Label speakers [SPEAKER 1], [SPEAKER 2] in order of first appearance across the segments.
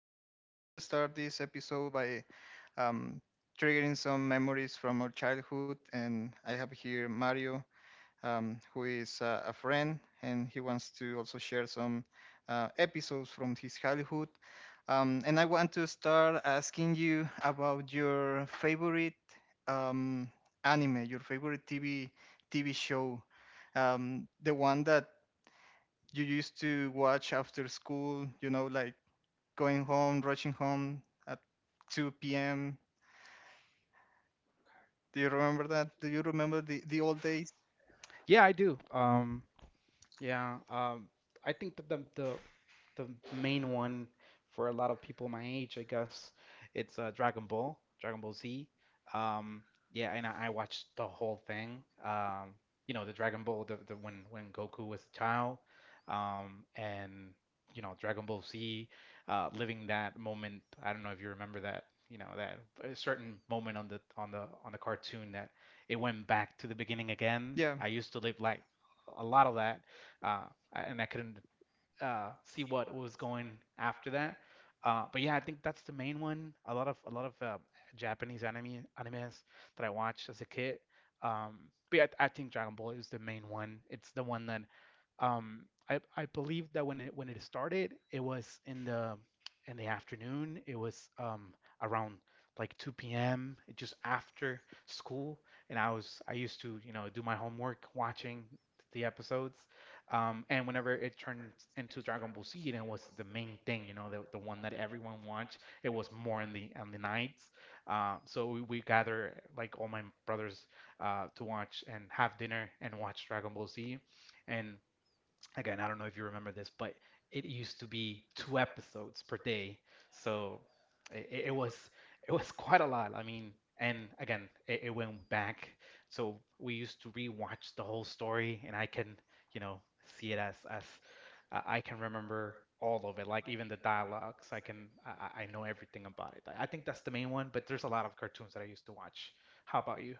[SPEAKER 1] we will. I would like to start this episode by um, triggering some memories from our childhood, and I have here Mario, who is a friend, and he wants to also share some episodes from his childhood. And I want to start asking you about your favorite um, anime, your favorite TV show, the one that you used to watch after school. You know, like going home, rushing home at 2 p.m. Do you remember that? Do you remember the old days?
[SPEAKER 2] Yeah, I do. Yeah, um, I think that the main one for a lot of people my age, I guess, it's Dragon Ball, Dragon Ball Z. Um, yeah, and I watched the whole thing. You know, the Dragon Ball, the when Goku was a child, and you know, Dragon Ball Z, living that moment. I don't know if you remember that. You know, that a certain moment on the cartoon that it went back to the beginning again.
[SPEAKER 1] Yeah.
[SPEAKER 2] I used to live like a lot of that, uh, and I couldn't see what was going after that. But yeah, I think that's the main one. A lot of Japanese animes that I watched as a kid. But yeah, I think Dragon Ball is the main one. It's the one that I believe that when it started, it was in the afternoon. It was around like 2 p.m. just after school, and I used to you know do my homework watching the episodes, and whenever it turned into Dragon Ball Z, and it was the main thing, you know, the one that everyone watched. It was more in the nights, so we gather like all my brothers to watch and have dinner and watch Dragon Ball Z, and again, I don't know if you remember this, but it used to be two episodes per day, so it, it was it was quite a lot. I mean, and again, it went back, so we used to rewatch the whole story, and I can, you know, see it as I can remember all of it, like even the dialogues. I know everything about it. I think that's the main one, but there's a lot of cartoons that I used to watch. How about you?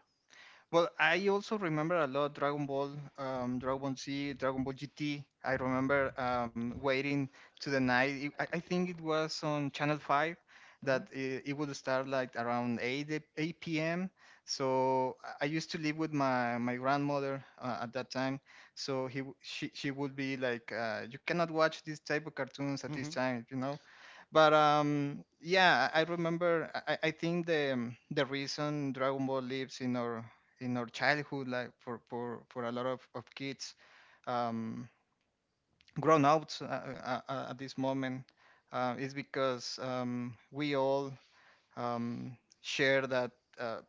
[SPEAKER 1] Well, I also remember a lot Dragon Ball, Dragon Ball Z, Dragon Ball GT. I remember waiting to the night. I think it was on Channel 5
[SPEAKER 2] Hmm.
[SPEAKER 1] that it would start like around 8 p.m. So I used to live with my grandmother at that time. So she would be like, you cannot watch this type of cartoons at
[SPEAKER 2] Mm-hmm.
[SPEAKER 1] this time, you know? But yeah, I remember. I think the reason Dragon Ball lives in our childhood, like for a lot of kids, um, grown ups at this moment, is because we all share that uh,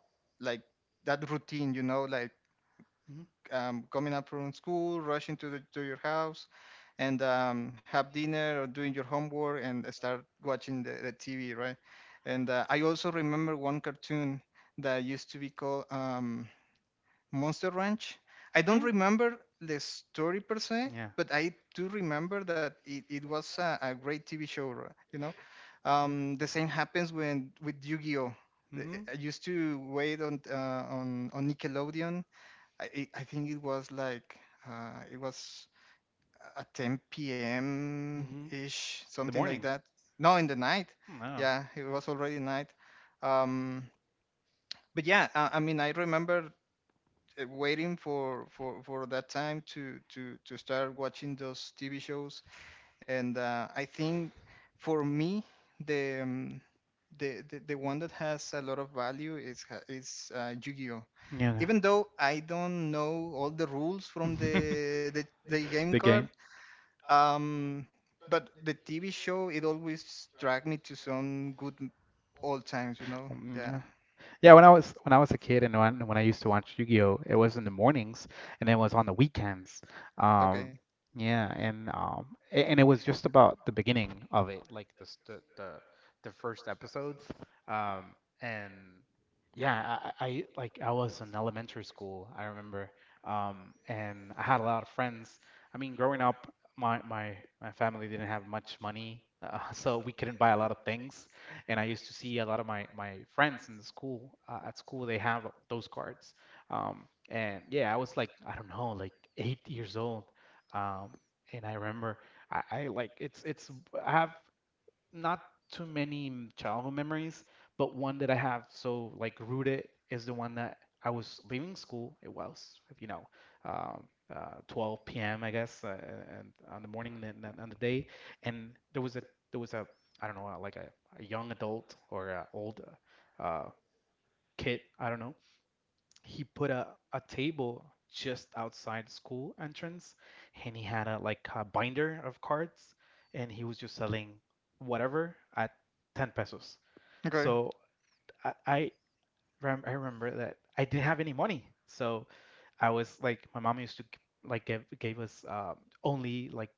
[SPEAKER 1] like that routine, you know, like coming up from school, rushing to the to your house, and have dinner or doing your homework and start watching the TV, right? And I also remember one cartoon that used to be called. Monster Ranch. I don't
[SPEAKER 2] Hmm.
[SPEAKER 1] remember the story per se,
[SPEAKER 2] Yeah.
[SPEAKER 1] but I do remember that it was a great TV show, you know.
[SPEAKER 2] Yeah.
[SPEAKER 1] The same happens when with Yu-Gi-Oh.
[SPEAKER 2] Hmm.
[SPEAKER 1] I used to wait on on Nickelodeon. I think it was like it was at 10 p.m.
[SPEAKER 2] Hmm.
[SPEAKER 1] ish,
[SPEAKER 2] The
[SPEAKER 1] something like
[SPEAKER 2] morning.
[SPEAKER 1] that. No, in the night.
[SPEAKER 2] No.
[SPEAKER 1] Yeah, it was already night. Um, but yeah, I mean, I remember waiting for that time to start watching those TV shows. And I think for me, the, um, the one that has a lot of value is Yu-Gi-Oh. Even though I don't know all the rules from the game card, um, but the TV show it always dragged me to some good old times. You know?
[SPEAKER 2] Game. Mm,
[SPEAKER 1] Yeah.
[SPEAKER 2] yeah, Yeah, when I was a kid and when I used to watch Yu-Gi-Oh, it was in the mornings and it was on the weekends.
[SPEAKER 1] Okay.
[SPEAKER 2] Um, yeah, and and it was just about the beginning of it, like the s- the first episodes. And yeah, like I was in elementary school, I remember. And I had a lot of friends. I mean, growing up, my family didn't have much money, so we couldn't buy a lot of things. And I used to see a lot of my friends in the school at school they have those cards. And yeah, I was like I don't know, like 8 years old. Um, and I remember I like it's I have not too many childhood memories, but one that I have so like rooted is the one that I was leaving school. It was, you know, um, 12 p.m. I guess, and on the morning and then on the day, and there was a I don't know like a young adult or a old uh, uh, kid I don't know he put a table just outside school entrance and he had a like a binder of cards and he was just selling whatever at 10 pesos.
[SPEAKER 1] Okay.
[SPEAKER 2] So I, I I remember that I didn't have any money. So I was like my mom used to g- like give gave us only like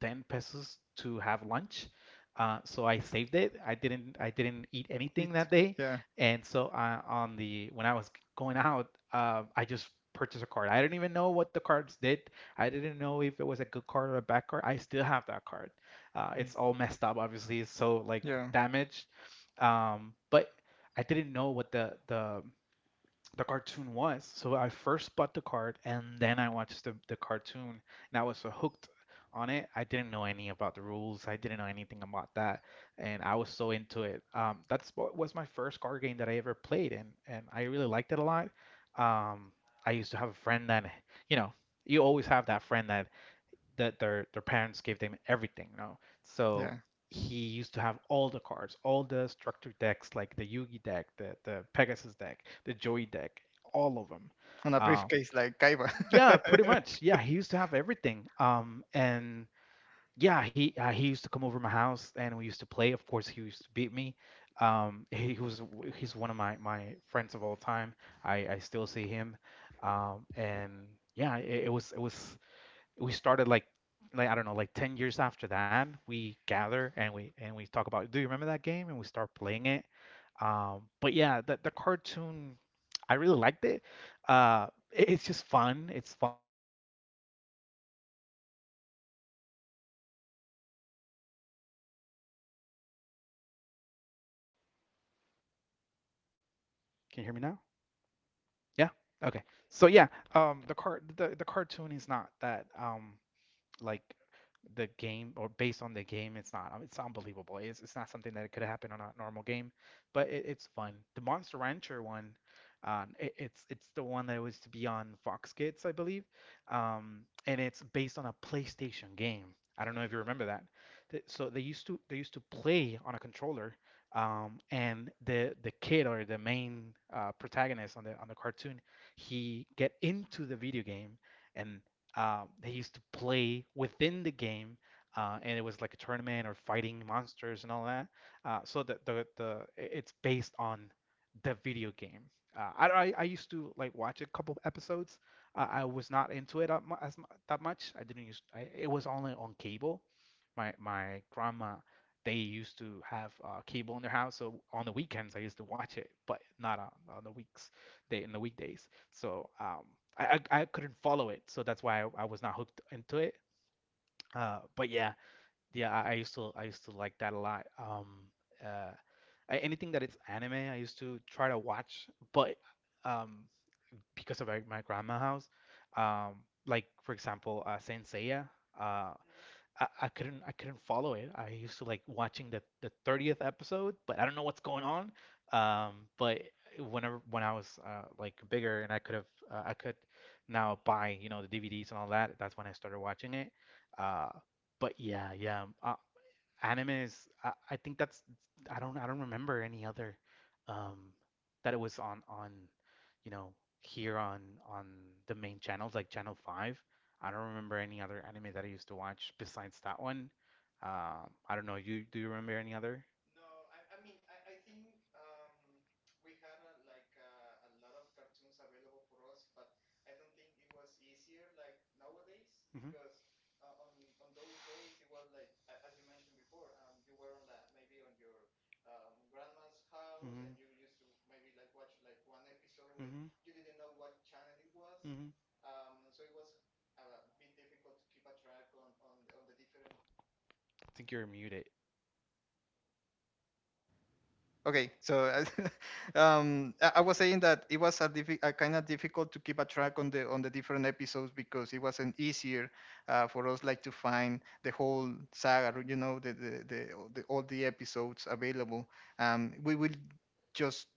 [SPEAKER 2] 10 pesos to have lunch. So I saved it. I didn't eat anything that
[SPEAKER 1] Eat.
[SPEAKER 2] day.
[SPEAKER 1] Yeah.
[SPEAKER 2] And so on the when I was going out, I just purchased a card. I didn't even know what the cards did. I didn't know if it was a good card or a bad card. I still have that card.
[SPEAKER 1] Mm.
[SPEAKER 2] It's all messed up, obviously. It's so like
[SPEAKER 1] Yeah.
[SPEAKER 2] damaged. But I didn't know what the cartoon was. So I first bought the card and then I watched the cartoon and I was so hooked on it. I didn't know any about the rules. I didn't know anything about that. And I was so into it. That's what was my first card game that I ever played and I really liked it a lot. Um, I used to have a friend that, you know, you always have that friend that their parents gave them everything, you know. So
[SPEAKER 1] Yeah.
[SPEAKER 2] he used to have all the cards, all the structured decks, like the Yugi deck, the Pegasus deck, the Joey deck, all of them.
[SPEAKER 1] On a
[SPEAKER 2] Uh,
[SPEAKER 1] briefcase like Kaiba.
[SPEAKER 2] yeah, pretty
[SPEAKER 1] Pretty
[SPEAKER 2] much.
[SPEAKER 1] much.
[SPEAKER 2] Yeah, he used to have everything. And yeah, he used to come over my house and we used to play. Of course, he used to beat me. He was he's one of my my friends of all time. I still see him. And yeah, it was we started like I don't know, like 10 years after that, we gather and we talk about, do you remember that game? And we start playing it. But yeah, the cartoon, I really liked it. It's just fun. It's fun. Can you hear me now? Yeah. Okay. So yeah, the cartoon is not that. Like the game or based on the game it's not it's unbelievable it's not something that could happen on a normal game but it's fun. The monster rancher one it's the one that was to be on Fox Kids I believe, and it's based on a PlayStation game. I don't know if you remember that. They used to play on a controller, and the kid or the main protagonist on the cartoon he get into the video game and they used to play within the game, and it was like a tournament or fighting monsters and all that. So the it's based on the video game. I used to like watch a couple episodes. I was not into it that mu- as mu- that much. I didn't use. I, it was only on cable. My grandma, they used to have cable in their house, so on the weekends I used to watch it, but not on, on the weeks, day in the weekdays. So I couldn't follow it, so that's why I was not hooked into it. But yeah, yeah, I used to like that a lot. Uh, Anything that it's anime, I used to try to watch, but um, because of my grandma house, like for example, Saint Seiya, uh, I couldn't follow it. I used to like watching the 30th episode, but I don't know what's going on. But whenever when I was like bigger and I could have I could now buy you know the DVDs and all that. That's when I started watching it. Uh, but yeah, yeah, I, Animes. I think that's I don't remember any other um that it was on you know here on the main channels like Channel 5. I don't remember any other anime that I used to watch besides that one. I don't know. You do you remember any other? Mhm. Mhm. Mhm. Mhm. I think you're muted.
[SPEAKER 1] Okay, so I was saying that it was a kind of difficult to keep a track on the different episodes because it wasn't easier for us like to find the whole saga, you know, all the episodes available. We will just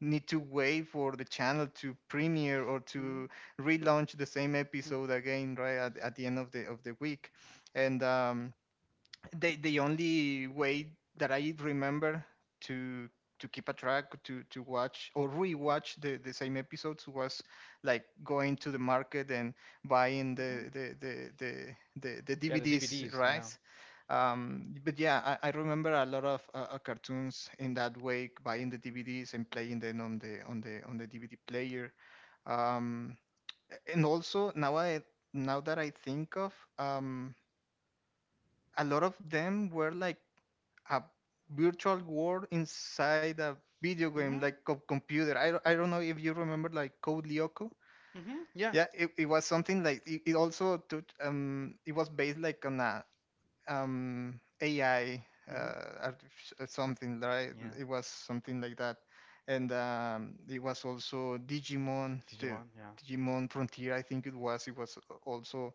[SPEAKER 1] need to wait for the channel to premiere or
[SPEAKER 2] Hmm.
[SPEAKER 1] to relaunch the same episode again right at the end of the week, and the only way that I remember to keep a track to watch or rewatch the same episodes was like going to the market and buying
[SPEAKER 2] Hmm.
[SPEAKER 1] the
[SPEAKER 2] Yeah, the
[SPEAKER 1] DVDs,
[SPEAKER 2] DVDs. Yeah.
[SPEAKER 1] right? But yeah, I remember a lot of cartoons in that way, buying the DVDs and playing them on the DVD player. Um, and also now that I think of a lot of them were like a virtual world inside a video game
[SPEAKER 2] Hmm.
[SPEAKER 1] like computer. I don't know if you remember like Code Lyoko.
[SPEAKER 2] Hmm. Yeah.
[SPEAKER 1] Yeah, it was something like it also took it was based like on a AI,
[SPEAKER 2] Hmm.
[SPEAKER 1] something, right?
[SPEAKER 2] Yeah.
[SPEAKER 1] It was something like that. And it was also Digimon, the
[SPEAKER 2] Digimon. Yeah.
[SPEAKER 1] Digimon Frontier, I think it was. It was also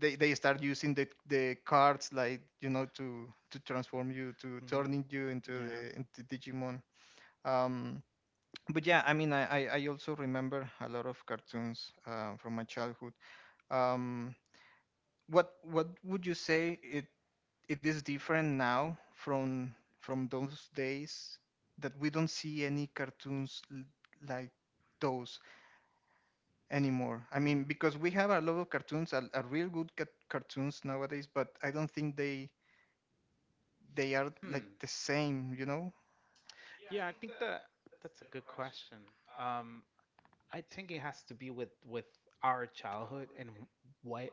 [SPEAKER 1] They start using the cards, like, you know, to transform you, to
[SPEAKER 2] Mhm.
[SPEAKER 1] turning you into
[SPEAKER 2] Yeah.
[SPEAKER 1] the into Digimon. Um, but yeah, I mean, I also remember a lot of cartoons from my childhood. Um, what would you say it is different now from those days, that we don't see any cartoons like those anymore? I mean,
[SPEAKER 2] Hmm.
[SPEAKER 1] because we have a lot of cartoons, a real good cartoons nowadays, but I don't think they are like
[SPEAKER 2] Hmm.
[SPEAKER 1] the same, you know?
[SPEAKER 2] Yeah, I think that that's a good question. Um, I think it has to be with our childhood and what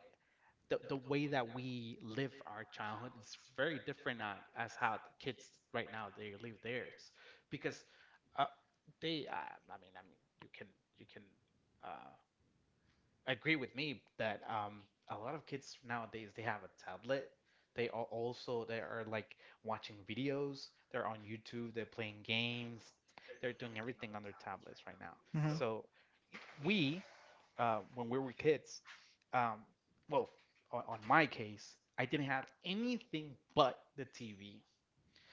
[SPEAKER 2] the way that we live our childhood is very different at, as how the kids right now they live theirs. Because uh, they I mean you can uh, agree with me that a lot of kids nowadays they have a tablet, they are also they are like watching videos, they're on YouTube, they're playing games, they're doing everything on their tablets right now.
[SPEAKER 1] Hmm.
[SPEAKER 2] So we when we were kids, um, well on my case I didn't have anything but the TV,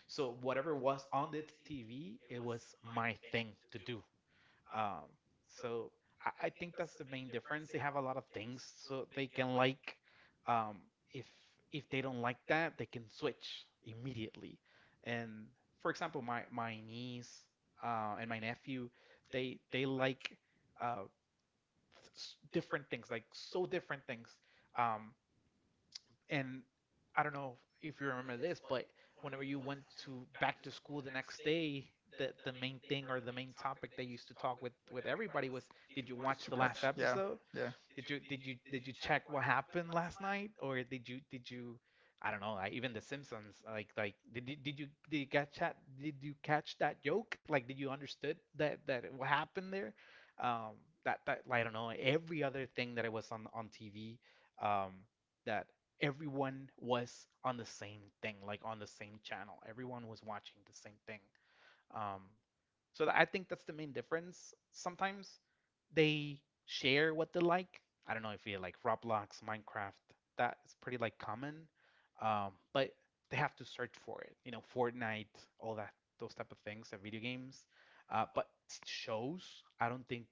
[SPEAKER 2] so whatever was on the TV it was my thing to do. um, so I think that's the main difference. They have a lot of things so they can like. Um, if if they don't like that, they can switch immediately. And for example, my niece and my nephew, they like uh, different things, like so different things. Um, and I don't know if you remember this, but whenever you went to back to school the next day, the main thing or the main topic they used to talk with everybody was, did you watch
[SPEAKER 1] To
[SPEAKER 2] the last
[SPEAKER 1] watch, yeah,
[SPEAKER 2] episode?
[SPEAKER 1] yeah,
[SPEAKER 2] Did you check what happened last night, or did you? I don't know. Like, even The Simpsons, like did you catch that? Did you catch that joke? Like, did you understood that what happened there? Um, that like, I don't know. Every other thing that it was on TV, um, that everyone was on the same thing, like on the same channel. Everyone was watching the same thing. Um, I think that's the main difference. Sometimes they share what they like. I don't know if you like Roblox, Minecraft, that is pretty like common. But they have to search for it. You know, Fortnite, all that, those type of things, the video games. But shows, I don't think.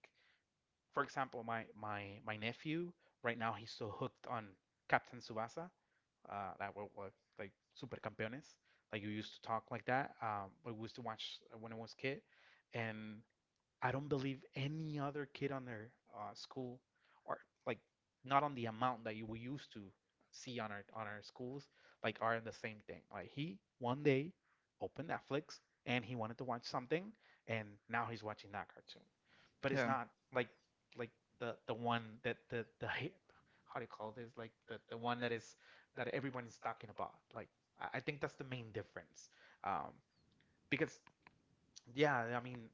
[SPEAKER 2] For example, my nephew right now he's so hooked on Captain Tsubasa that were like supercampeones. Like you used to talk like that. I used to watch when I was a kid, and I don't believe any other kid on their school or like not on the amount that you we used to see on our schools like are in the same thing. Like he one day opened Netflix and he wanted to watch something and now he's watching that cartoon. But it's
[SPEAKER 1] yeah,
[SPEAKER 2] not like like the one that the hit how do you call this like the one that is that everyone is talking about. Like I think that's the main difference. Um, because yeah, I mean,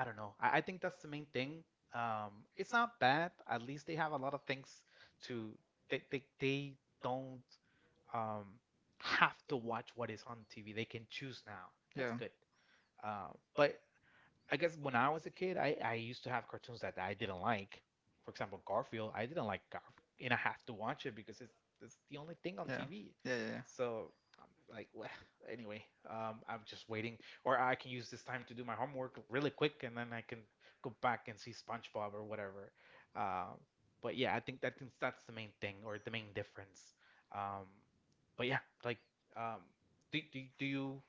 [SPEAKER 2] I don't know. I think that's the main thing. It's not bad. At least they have a lot of things to they don't um have to watch what is on TV. They can choose now.
[SPEAKER 1] yeah, yeah, yeah,
[SPEAKER 2] That's good. Uh, but I guess when I was a kid, I used to have cartoons that I didn't like. For example, Garfield. I didn't like Garfield, and I have to watch it because it's the only thing on
[SPEAKER 1] yeah,
[SPEAKER 2] TV.
[SPEAKER 1] yeah,
[SPEAKER 2] So I'm like, well, anyway, I'm just waiting, or I can use this time to do my homework really quick, and then I can go back and see SpongeBob or whatever. Um, but yeah, I think that think that's the main thing or the main difference. Um, but yeah, like, um, do you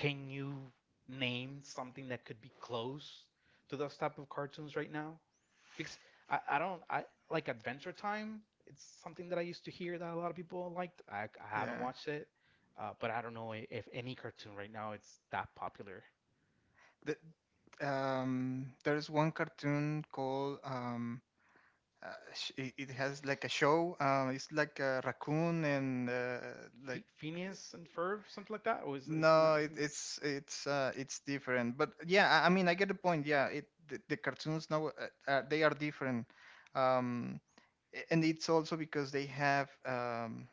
[SPEAKER 2] can you name something that could be close to those type of cartoons right now? Because I don't I like Adventure Time. It's something that I used to hear that a lot of people liked. I haven't
[SPEAKER 1] yeah.
[SPEAKER 2] watched it, but I don't know if any cartoon right now it's that popular.
[SPEAKER 1] The, there's one cartoon called it, it has like a show. It's like a raccoon and like...
[SPEAKER 2] Phe Phineas and Ferb, something like that, or is
[SPEAKER 1] No,
[SPEAKER 2] not? Isn't,
[SPEAKER 1] it's different. But yeah, I mean, I get the point. Yeah, it the cartoons now they are different, um, and it's also because they have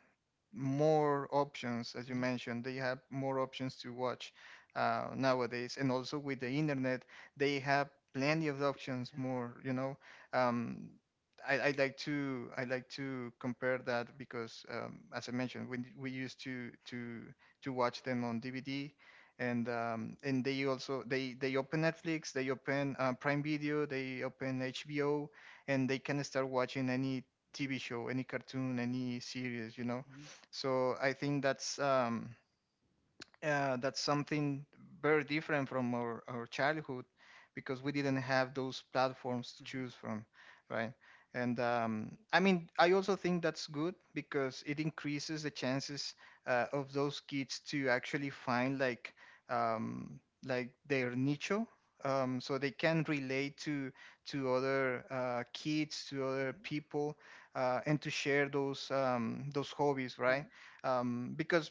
[SPEAKER 1] more options, as you
[SPEAKER 2] yeah,
[SPEAKER 1] mentioned, they have more options to watch nowadays, and also with the internet, they have plenty of options.
[SPEAKER 2] yeah.
[SPEAKER 1] More, you know. um, I like to compare that because, as I mentioned, we used to watch them on DVD, and they also they open Netflix, they open Prime Video, they open HBO, and they can start watching any TV show, any cartoon, any series, you know.
[SPEAKER 2] Mhm,
[SPEAKER 1] So I think that's something very different from our childhood because we didn't have those platforms to
[SPEAKER 2] mhm,
[SPEAKER 1] choose from, right? And I mean I also think that's good because it increases the chances of those kids to actually find um, like their nicho, so they can relate to other kids, to other people, and to share those hobbies, right?
[SPEAKER 2] mhm,
[SPEAKER 1] Because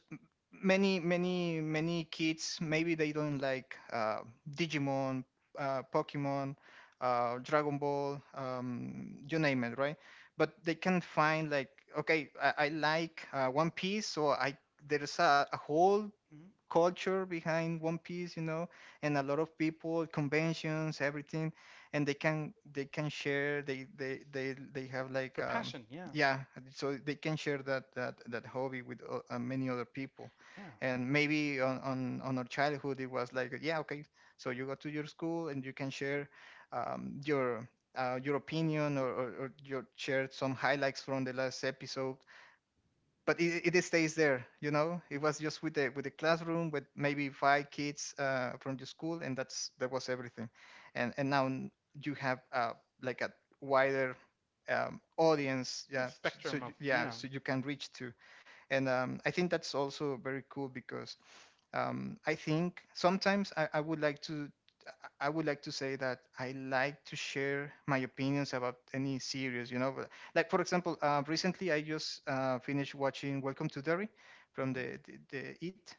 [SPEAKER 1] many kids maybe they don't like Digimon, Pokemon, Dragon Ball, you name it, right? But they can find like, okay, I like One Piece, so I there's a whole
[SPEAKER 2] mhm.
[SPEAKER 1] culture behind One Piece, you know, and a lot of people, conventions, everything, and they can share. They have like
[SPEAKER 2] Their passion, yeah,
[SPEAKER 1] yeah, so they can share that hobby with many other people.
[SPEAKER 2] yeah.
[SPEAKER 1] And maybe on our childhood it was like, yeah, okay, so you go to your school and you can share um your your opinion, or your share some highlights from the last episode, but it stays there, you know. It
[SPEAKER 2] Mhm.
[SPEAKER 1] was just with the classroom with maybe five kids from the school and that was everything. And you have like a wider audience.
[SPEAKER 2] Yeah,
[SPEAKER 1] Yeah, so
[SPEAKER 2] spectrum of,
[SPEAKER 1] yeah,
[SPEAKER 2] yeah.
[SPEAKER 1] so you can reach to. And I think that's also very cool because I think sometimes, I would like to say that I like to share my opinions about any series, you know. Like for example, recently I just finished watching Welcome to Derry from
[SPEAKER 2] Mhm.
[SPEAKER 1] the It,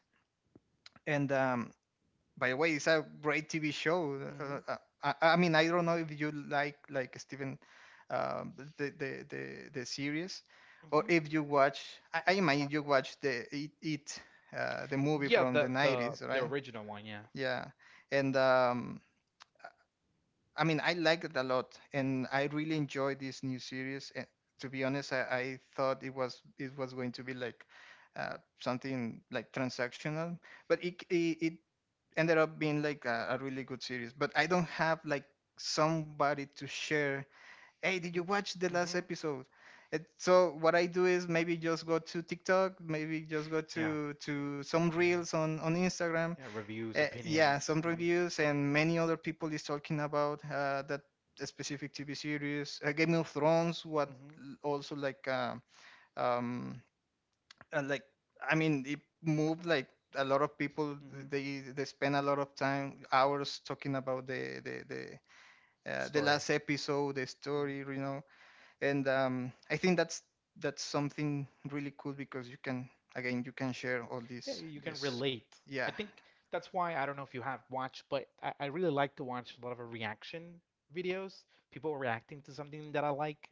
[SPEAKER 1] and by the way, it's a great TV show. Uh,
[SPEAKER 2] Mhm.
[SPEAKER 1] uh, I mean, I don't know if you like Stephen, the series, or
[SPEAKER 2] Mhm.
[SPEAKER 1] if you watch. I imagine you watch the It, the movie
[SPEAKER 2] Yeah,
[SPEAKER 1] from the nineties,
[SPEAKER 2] the
[SPEAKER 1] right?
[SPEAKER 2] original one, yeah.
[SPEAKER 1] Yeah, and I mean, I liked it a lot, and I really enjoyed this new series. And to be honest, I thought it was going to be like something like transactional, but it ended up being like a really good series. But I don't have like somebody to share, hey, did you watch the last
[SPEAKER 2] Mhm.
[SPEAKER 1] episode? So what I do is maybe just go to TikTok, maybe just go
[SPEAKER 2] Yeah.
[SPEAKER 1] to some reels
[SPEAKER 2] Yeah.
[SPEAKER 1] on Instagram.
[SPEAKER 2] Yeah, reviews,
[SPEAKER 1] Yeah,
[SPEAKER 2] opinions.
[SPEAKER 1] some
[SPEAKER 2] Mhm.
[SPEAKER 1] reviews, and many other people is talking about that specific TV series, Game of Thrones, what
[SPEAKER 2] Mhm.
[SPEAKER 1] also like um like, I mean, it moved like a lot of people.
[SPEAKER 2] Mhm.
[SPEAKER 1] They spend a lot of time, hours, talking about the
[SPEAKER 2] Story.
[SPEAKER 1] last episode, the
[SPEAKER 2] Mhm.
[SPEAKER 1] story, you know. And I think that's something really cool because you can, again, you can share all
[SPEAKER 2] Yeah,
[SPEAKER 1] these
[SPEAKER 2] you can
[SPEAKER 1] this.
[SPEAKER 2] relate.
[SPEAKER 1] Yeah,
[SPEAKER 2] I think that's why I don't know if you have watched, but I really like to watch a lot of reaction videos, people reacting to something that I like.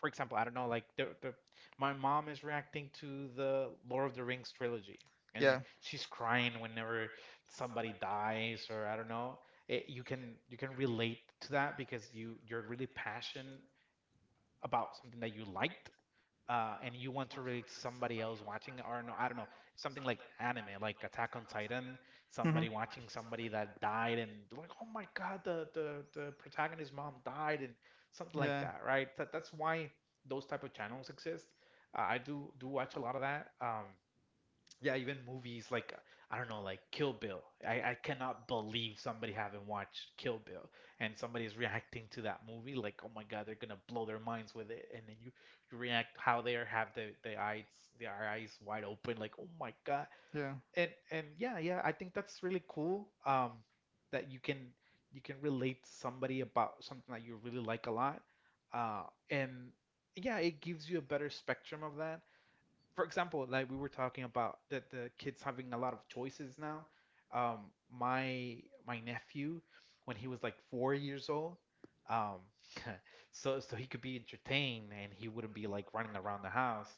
[SPEAKER 2] For example, I don't know, like the my mom is reacting to the Lord of the Rings trilogy, and then
[SPEAKER 1] yeah.
[SPEAKER 2] she's crying whenever somebody dies, or I don't know. It, you can relate to that because you you're really passionate about something that you liked, and you want to read somebody else watching, or no, I don't know, something like anime, like Attack on Titan,
[SPEAKER 1] Hmm.
[SPEAKER 2] somebody watching somebody that died, and like, oh my God, the protagonist's mom died, and something like
[SPEAKER 1] Yeah,
[SPEAKER 2] that, right? That that's why those type of channels exist. I do watch a lot of that. Yeah, even movies like I don't know, like Kill Bill. I cannot believe somebody haven't watched Kill Bill and somebody is reacting to that movie like, oh my God, they're gonna blow their minds with it. And then you react how they are have their eyes wide open, like, oh my God.
[SPEAKER 1] yeah.
[SPEAKER 2] And yeah, yeah, I think that's really cool. That you can relate to somebody about something that you really like a lot. Uh, and yeah, it gives you a better spectrum of that for example, like we were talking about that the kids having a lot of choices now. Um, my my nephew, when he was like 4 years old, um, so so he could be entertained and he wouldn't be like running around the house.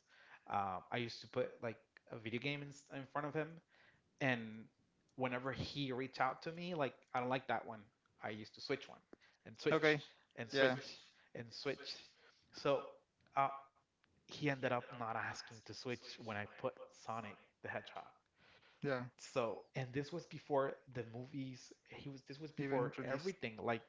[SPEAKER 2] I used to put like a video game in front of him, and whenever he reached out to me, like I don't like that one, I used to switch one and
[SPEAKER 1] Okay.
[SPEAKER 2] switch and
[SPEAKER 1] Yeah,
[SPEAKER 2] switch and switch. So uh, he ended up not asking to switch when I put Sonic the Hedgehog.
[SPEAKER 1] yeah.
[SPEAKER 2] So, and this was before the movies. He was this was
[SPEAKER 1] Even
[SPEAKER 2] before
[SPEAKER 1] released.
[SPEAKER 2] everything. Like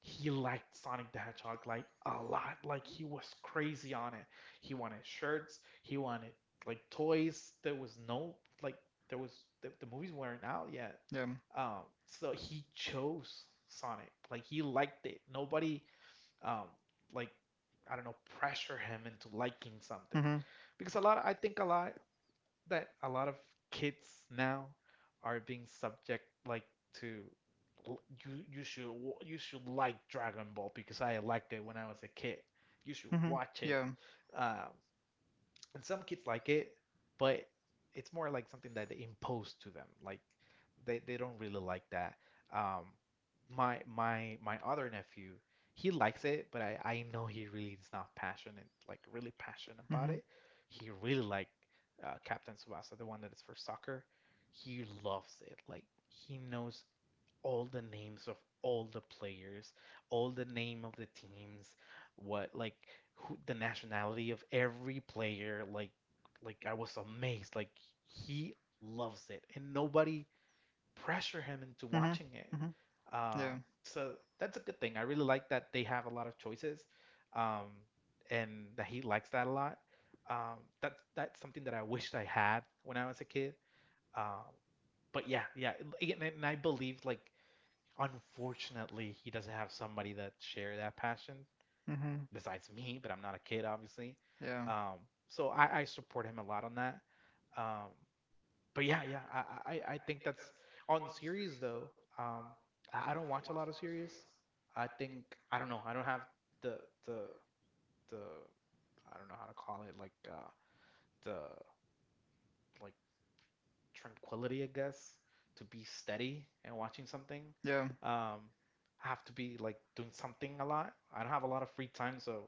[SPEAKER 2] he liked Sonic the Hedgehog like a lot. Like he was crazy on it. He wanted shirts. He wanted like toys. There was no like there was the movies weren't out yet.
[SPEAKER 1] Yeah.
[SPEAKER 2] So he chose Sonic. Like he liked it. Nobody um like I don't know, pressure him into liking something.
[SPEAKER 1] Mm-hmm.
[SPEAKER 2] Because a lot, I think a lot that a lot of kids now are being subject like to you you should you should like Dragon Ball because I liked it when I was a kid. You should
[SPEAKER 1] Mm-hmm.
[SPEAKER 2] watch it.
[SPEAKER 1] Yeah.
[SPEAKER 2] Um, and some kids like it, but it's more like something that they impose to them. Like they don't really like that. Um, my my other nephew, he likes it, but I know he really is not passionate, like really passionate about it. He really like Captain Tsubasa, the one that is for soccer. He loves it. Like he knows all the names of all the players, all the name of the teams, what like who, the nationality of every player. Like I was amazed. Like he loves it, and nobody pressure him into watching it.
[SPEAKER 1] Mhm.
[SPEAKER 2] Uh, so that's a good thing. I really like that they have a lot of choices, um, and that he likes that a lot. That's something that I wished I had when I was a kid. Um, but yeah, yeah, and I believe like unfortunately, he doesn't have somebody that share that passion
[SPEAKER 1] Mhm.
[SPEAKER 2] besides me, but I'm not a kid, obviously.
[SPEAKER 1] Yeah.
[SPEAKER 2] Um, so I support him a lot on that. Um, but yeah, yeah, I think that's on series though. Um, I don't watch a lot of series. I think I don't know. I don't have the the the I don't know how to call it like the like tranquility, I guess, to be steady and watching something.
[SPEAKER 1] Yeah. I'm.
[SPEAKER 2] Um, I have to be like doing something a lot. I don't have a lot of free time, so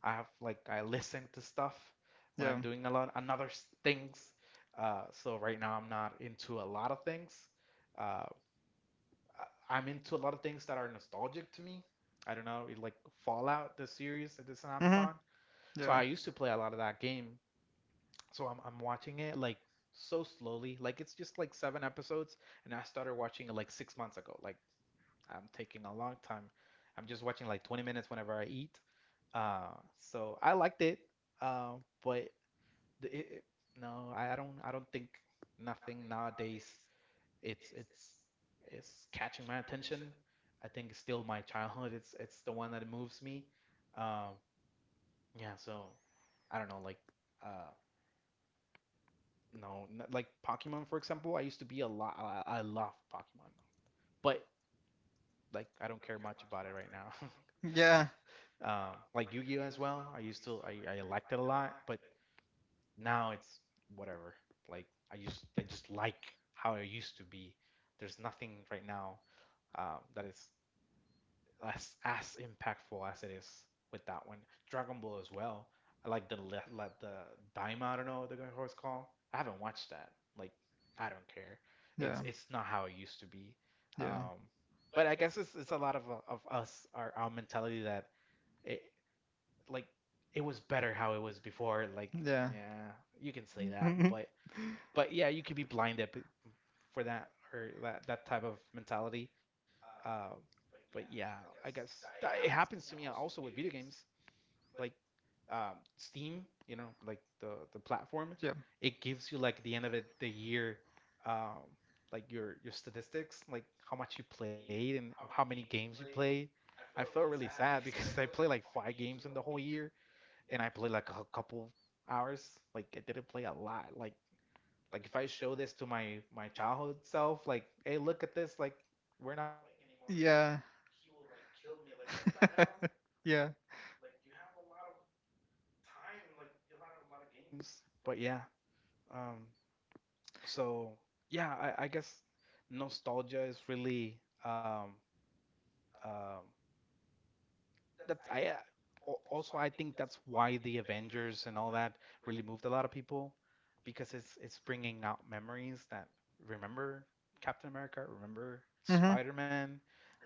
[SPEAKER 2] I have like I listen to stuff when I'm doing a lot another things. Right now I'm not into a lot of things. Uh, I'm into a lot of things that are nostalgic to me. I don't know, it, like Fallout, the series that is on Amazon. So I used to play a lot of that game. So I'm watching it like so slowly. Like it's just like 7 episodes, and I started watching it like 6 months ago. Like I'm taking a long time. I'm just watching like 20 minutes whenever I eat. Uh, I liked it, uh, but the- it, it, no, I don't. I don't think nothing nowadays. It's it's catching my attention. I think it's still my childhood. It's the one that moves me. Um, yeah. So I don't know. Like uh, no, n like Pokemon for example. I used to be a lot. I love Pokemon, but like I don't care much about it right now.
[SPEAKER 1] Yeah.
[SPEAKER 2] Like Yu-Gi-Oh as well. I used to I liked it a lot, but now it's whatever. Like I just like how it used to be. There's nothing right now that is as impactful as it is with that one. Dragon Ball as well. I like like the Daima. I don't know what the horse call. I haven't watched that. Like I don't care. It's
[SPEAKER 1] It's.
[SPEAKER 2] not how it used to be.
[SPEAKER 1] Be.
[SPEAKER 2] Um, but I guess it's a lot of us our mentality that it like it was better how it was before. Like
[SPEAKER 1] Yeah. Yeah,
[SPEAKER 2] yeah, you can say that, but yeah, you could be blinded for that or that type of mentality. Uh, but yeah, I guess that, it happens to me also with video games, like Steam, you know, like the platform.
[SPEAKER 1] yeah.
[SPEAKER 2] It gives you like the end of it, the year, um, like your statistics, like how much you played and how many games you played. I felt really sad because I played like five games whole year, and I played like a couple hours. Like I didn't play a lot. Like if I show this to my childhood self, like, hey, look at this, like we're not playing anymore. Like
[SPEAKER 1] Yeah.
[SPEAKER 2] he will like kill me. Like what the hell?
[SPEAKER 1] Yeah.
[SPEAKER 2] Like you have a lot of time, like a lot of games. But yeah, um, so yeah, I guess nostalgia is really um, um that's I uh, also I think that's why the Avengers and all that really moved a lot of people because it's bringing out memories that remember Captain America, remember
[SPEAKER 1] Hmm.
[SPEAKER 2] Spider-Man,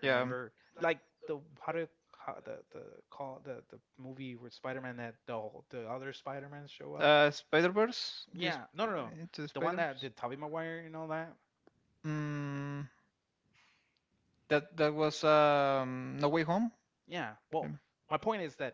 [SPEAKER 1] Yeah.
[SPEAKER 2] like the what do how the call the movie with Spider-Man that the other Spider-Man show up.
[SPEAKER 1] Spider Verse. This
[SPEAKER 2] Yeah, no, no, no.
[SPEAKER 1] Into the
[SPEAKER 2] The one
[SPEAKER 1] Spider
[SPEAKER 2] that
[SPEAKER 1] Verse.
[SPEAKER 2] did Tobey Maguire and all that.
[SPEAKER 1] Mm, that that was No Way Home.
[SPEAKER 2] Yeah.
[SPEAKER 1] Yeah.
[SPEAKER 2] Well, my point is that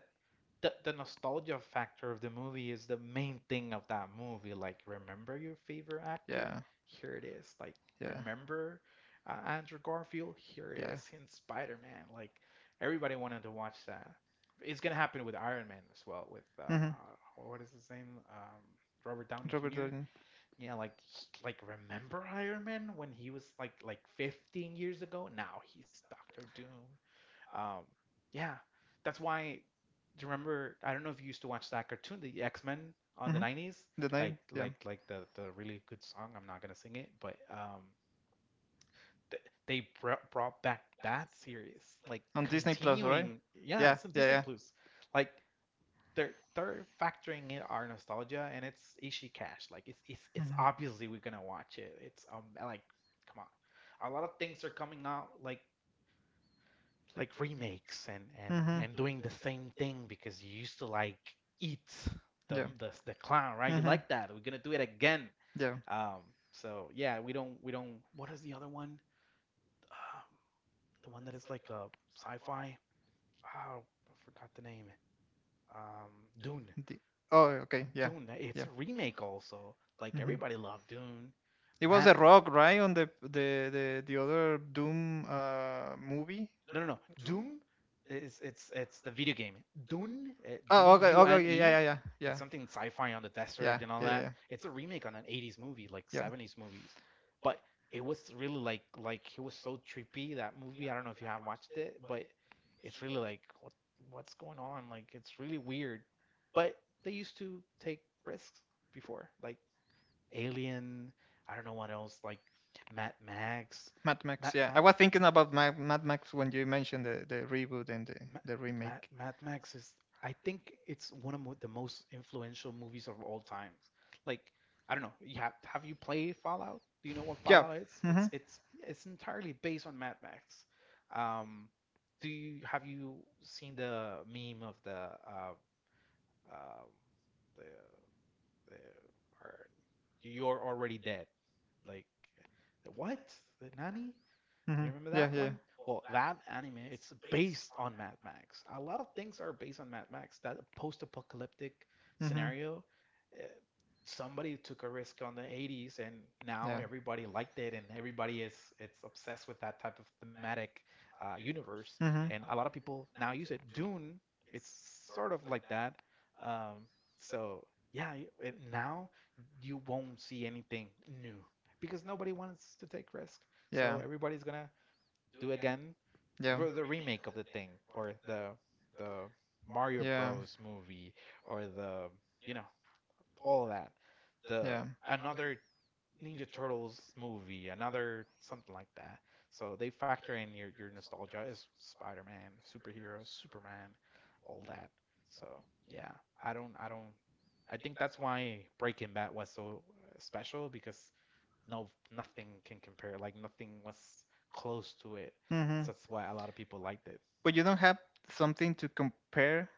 [SPEAKER 2] the nostalgia factor of the movie is the main thing of that movie. Like, remember your favorite actor?
[SPEAKER 1] Yeah.
[SPEAKER 2] Here it is. Like,
[SPEAKER 1] Yeah.
[SPEAKER 2] remember Andrew Garfield? Here it
[SPEAKER 1] Yeah.
[SPEAKER 2] is in Spider-Man. Like, everybody wanted to watch that. It's gonna happen with Iron Man as well. With
[SPEAKER 1] Hmm.
[SPEAKER 2] what is his name? Robert Downey
[SPEAKER 1] Robert
[SPEAKER 2] Jr.
[SPEAKER 1] Downey.
[SPEAKER 2] Yeah, like remember Iron Man when he was like 15 years ago? Now he's Doctor Doom. Um, yeah, that's why. Do you remember? I don't know if you used to watch that cartoon, the X-Men on the
[SPEAKER 1] Hmm.
[SPEAKER 2] 90s,
[SPEAKER 1] The
[SPEAKER 2] like
[SPEAKER 1] Navy, yeah.
[SPEAKER 2] like the really good song. I'm not gonna sing it, but th they br brought back that series, like
[SPEAKER 1] On Disney Plus, right?
[SPEAKER 2] continuing. Yeah,
[SPEAKER 1] Yeah,
[SPEAKER 2] it's in
[SPEAKER 1] yeah,
[SPEAKER 2] Disney
[SPEAKER 1] yeah.
[SPEAKER 2] Plus. Like they're factoring in our nostalgia, and it's Ishii Cash. Like it's it's
[SPEAKER 1] Hmm.
[SPEAKER 2] it's obviously we're gonna watch it. It's like, come on, a lot of things are coming out like remakes and and
[SPEAKER 1] Hmm.
[SPEAKER 2] and doing the same thing because you used to like eat the
[SPEAKER 1] Yeah.
[SPEAKER 2] the, the clown, right? You
[SPEAKER 1] Hmm.
[SPEAKER 2] like that. We're gonna do it again.
[SPEAKER 1] Yeah.
[SPEAKER 2] Um, so yeah, we don't we don't. What is the other one? Um, the one that is like a sci-fi. Oh, I forgot the name. Dune.
[SPEAKER 1] The, oh, okay. Yeah.
[SPEAKER 2] Dune, it's
[SPEAKER 1] Yeah.
[SPEAKER 2] a remake also. Like
[SPEAKER 1] Hmm.
[SPEAKER 2] everybody loved Dune.
[SPEAKER 1] It was
[SPEAKER 2] Matt,
[SPEAKER 1] a rock, right? On the other Doom movie.
[SPEAKER 2] no, no, no. Doom is it's the video game. Dune,
[SPEAKER 1] Oh, okay, okay, okay, yeah,
[SPEAKER 2] Dune.
[SPEAKER 1] yeah, yeah, yeah, yeah,
[SPEAKER 2] It's something sci-fi on the
[SPEAKER 1] yeah,
[SPEAKER 2] desert and all
[SPEAKER 1] yeah,
[SPEAKER 2] that.
[SPEAKER 1] yeah.
[SPEAKER 2] It's a remake on an 80s movie, like
[SPEAKER 1] Yep.
[SPEAKER 2] 70s movies. But it was really like it was so trippy that movie. I don't know if you have watched it, but it's really like what what's going on? Like it's really weird. But they used to take risks before, like Alien. I don't know what else, like Mad Max.
[SPEAKER 1] Mad Max,
[SPEAKER 2] Mad
[SPEAKER 1] yeah. I
[SPEAKER 2] Mad
[SPEAKER 1] was thinking about my Mad Max when you mentioned the reboot and
[SPEAKER 2] Mad
[SPEAKER 1] the remake.
[SPEAKER 2] Mad Max is. I think it's one of the most influential movies of all times. Like, I don't know. You Have you played Fallout? Do you know what
[SPEAKER 1] Yeah.
[SPEAKER 2] Fallout is?
[SPEAKER 1] Mm-hmm.
[SPEAKER 2] It's entirely based on Mad Max. Um, do you Have you seen the meme of the um, the, the are, you're already dead? Like, what? The nanny?
[SPEAKER 1] Mm-hmm.
[SPEAKER 2] You remember
[SPEAKER 1] Yeah,
[SPEAKER 2] that
[SPEAKER 1] yeah.
[SPEAKER 2] one? Well, that anime, it's based on Mad Max. A lot of things are based on Mad Max. That post-apocalyptic
[SPEAKER 1] Mm-hmm.
[SPEAKER 2] scenario, uh, somebody took a risk on the 80s, and now everybody liked it, and everybody is it's obsessed with that type of thematic universe. And a lot of people now use it. Dune, it's sort of like that. Um, so yeah, and now you won't see anything new because nobody wants to take risk. So everybody's gonna do again the remake of the thing or the Mario Bros movie or the you know all that the
[SPEAKER 1] Yeah.
[SPEAKER 2] another Ninja Turtles movie, another something like that. So they factor in your nostalgia is Spider-Man, superheroes, Superman, all that. So yeah, I don't. I think that's why Breaking Bad was so special because no, nothing can compare. Like nothing was close to it.
[SPEAKER 1] Hmm.
[SPEAKER 2] So that's why a lot of people liked it.
[SPEAKER 1] But you don't have something to compare,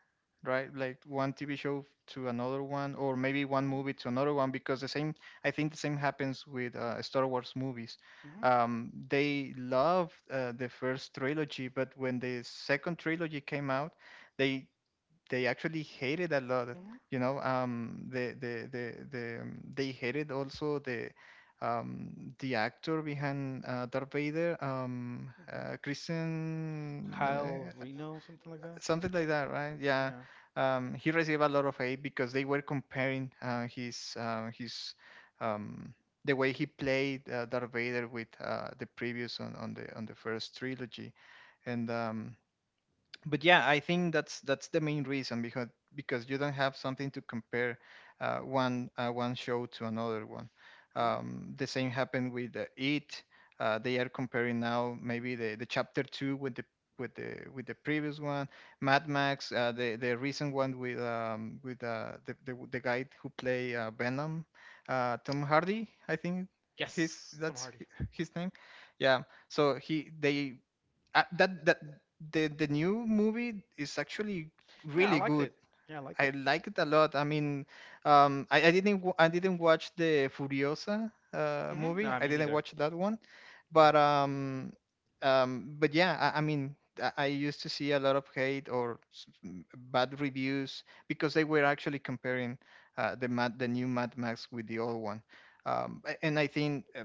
[SPEAKER 1] right? Like one TV show to another one, or maybe one movie to another one, because the same, I think the same happens with Star Wars movies.
[SPEAKER 2] Hmm
[SPEAKER 1] They loved the first trilogy, but when the second trilogy came out, they they actually hated a lot.
[SPEAKER 2] hmm
[SPEAKER 1] You know, they hated also um the actor behind Darth Vader,
[SPEAKER 2] hmm
[SPEAKER 1] Christian
[SPEAKER 2] Kyle Reno, something like that.
[SPEAKER 1] something like that, right? Yeah,
[SPEAKER 2] Yeah.
[SPEAKER 1] he received a lot of hate because they were comparing his um the way he played Darth Vader with the previous on the first trilogy, and but yeah, I think that's the main reason, because you don't have something to compare one show to another one.
[SPEAKER 2] hmm
[SPEAKER 1] The same happened with It. They are comparing now maybe the chapter two with the with the with the previous one. Mad Max, the recent one with the guy who play Venom, Tom Hardy, I think. Yes.
[SPEAKER 2] Yes, Tom Hardy.
[SPEAKER 1] His name, yeah. So he they that that the new movie is actually
[SPEAKER 2] Yeah, I
[SPEAKER 1] really
[SPEAKER 2] liked
[SPEAKER 1] good.
[SPEAKER 2] it. Yeah, I liked
[SPEAKER 1] I
[SPEAKER 2] it.
[SPEAKER 1] like it a lot. I mean, I didn't wa- I didn't watch the Furiosa
[SPEAKER 2] Hmm No,
[SPEAKER 1] movie.
[SPEAKER 2] I
[SPEAKER 1] I
[SPEAKER 2] mean
[SPEAKER 1] didn't
[SPEAKER 2] either.
[SPEAKER 1] watch that one,
[SPEAKER 2] Yeah.
[SPEAKER 1] but um, but yeah, I mean, I used to see a lot of hate or bad reviews because they were actually comparing the new Mad Max with the old one, and I think.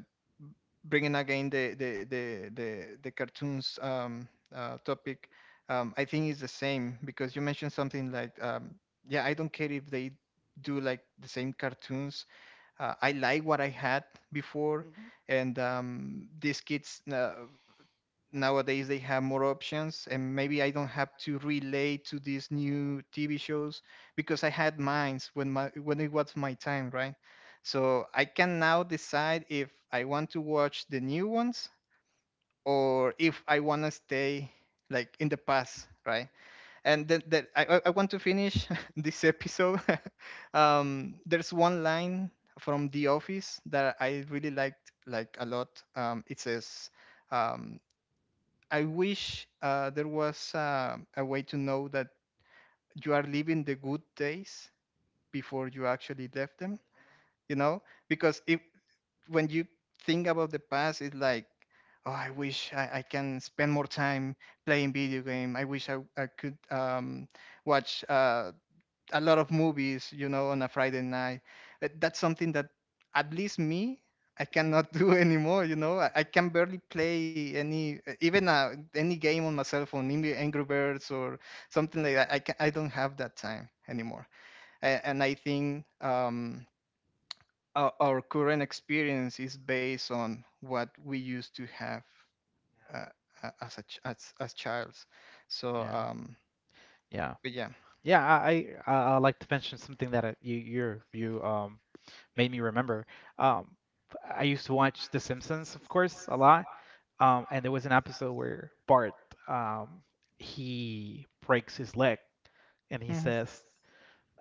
[SPEAKER 1] Bringing again the cartoons topic. I think it's the same because you mentioned something like, yeah, I don't care if they do like the same cartoons. I like what I had before,
[SPEAKER 2] hmm
[SPEAKER 1] and these kids. Nowadays they have more options, and maybe I don't have to relate to these new TV shows because I had mines when my when it was my time, right? So I can now decide if I want to watch the new ones or if I want to stay like in the past, right? And then that I want to finish this episode. There's one line from The Office that I really liked like a lot. It says, um, I wish there was a way to know that you are living the good days before you actually left them, you know? Because if when you think about the past, it's like, oh, I wish I can spend more time playing video game. I wish I could watch a lot of movies, you know, on a Friday night. That's something that at least me, I cannot do anymore. You know, I can barely play any even any game on my cell phone, maybe Angry Birds or something like that. I don't have that time anymore, and I think. Our current experience is based on what we used to have uh, as childs. So
[SPEAKER 2] Yeah. Yeah.
[SPEAKER 1] but yeah.
[SPEAKER 2] Yeah, I like to mention something that you you you made me remember. Um I used to watch The Simpsons, of course, a lot. And there was an episode where Bart um he breaks his leg and
[SPEAKER 1] Mhm.
[SPEAKER 2] he says,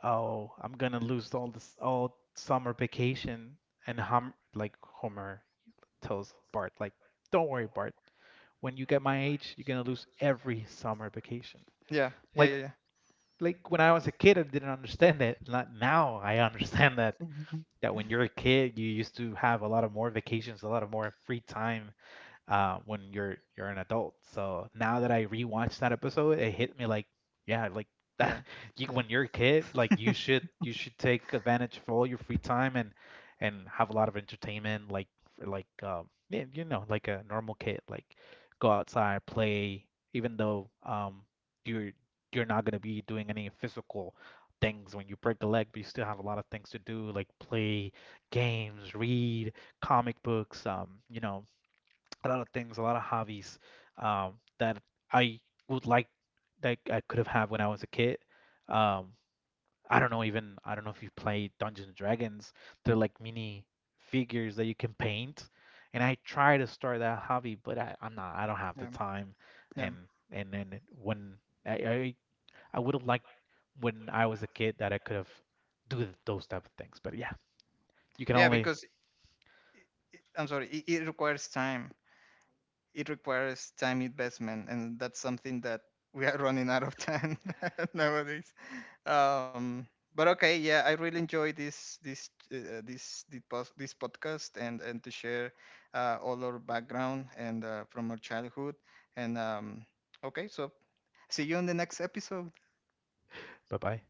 [SPEAKER 2] "Oh, I'm gonna lose all summer vacation." And Homer tells Bart like, "Don't worry, Bart. When you get my age, you're gonna lose every summer vacation."
[SPEAKER 1] Yeah, yeah,
[SPEAKER 2] like
[SPEAKER 1] yeah,
[SPEAKER 2] like when I was a kid, I didn't understand it. Not now, I understand that
[SPEAKER 1] yeah.
[SPEAKER 2] that when you're a kid, you used to have a lot of more vacations, a lot of more free time, when you're an adult. So now that I rewatched that episode, it hit me like, yeah, like that.
[SPEAKER 1] Yeah.
[SPEAKER 2] You, when you're a kid, like you should you should take advantage of all your free time and have a lot of entertainment, like yeah, you know, like a normal kid, like go outside, play, even though you're you're not gonna be doing any physical things when you break a leg, but you still have a lot of things to do, like play games, read comic books, you know, a lot of things, a lot of hobbies um, that I would like that I could have had when I was a kid. Um, I don't know even I don't know if you played Dungeons and Dragons. They're like mini figures that you can paint, and I try to start that hobby, but I'm not. I don't have the
[SPEAKER 1] Yeah.
[SPEAKER 2] time,
[SPEAKER 1] Yeah.
[SPEAKER 2] and and then when I I, I would have liked when I was a kid that I could have do those type of things. But yeah, you can
[SPEAKER 1] Yeah,
[SPEAKER 2] only
[SPEAKER 1] because i- I'm sorry, it requires time. It requires time investment, and that's something that we are running out of time nowadays. Um, but okay, yeah, I really enjoy this this, this podcast, and to share all our background and from our childhood. And okay, so see you in the next episode.
[SPEAKER 2] bye bye.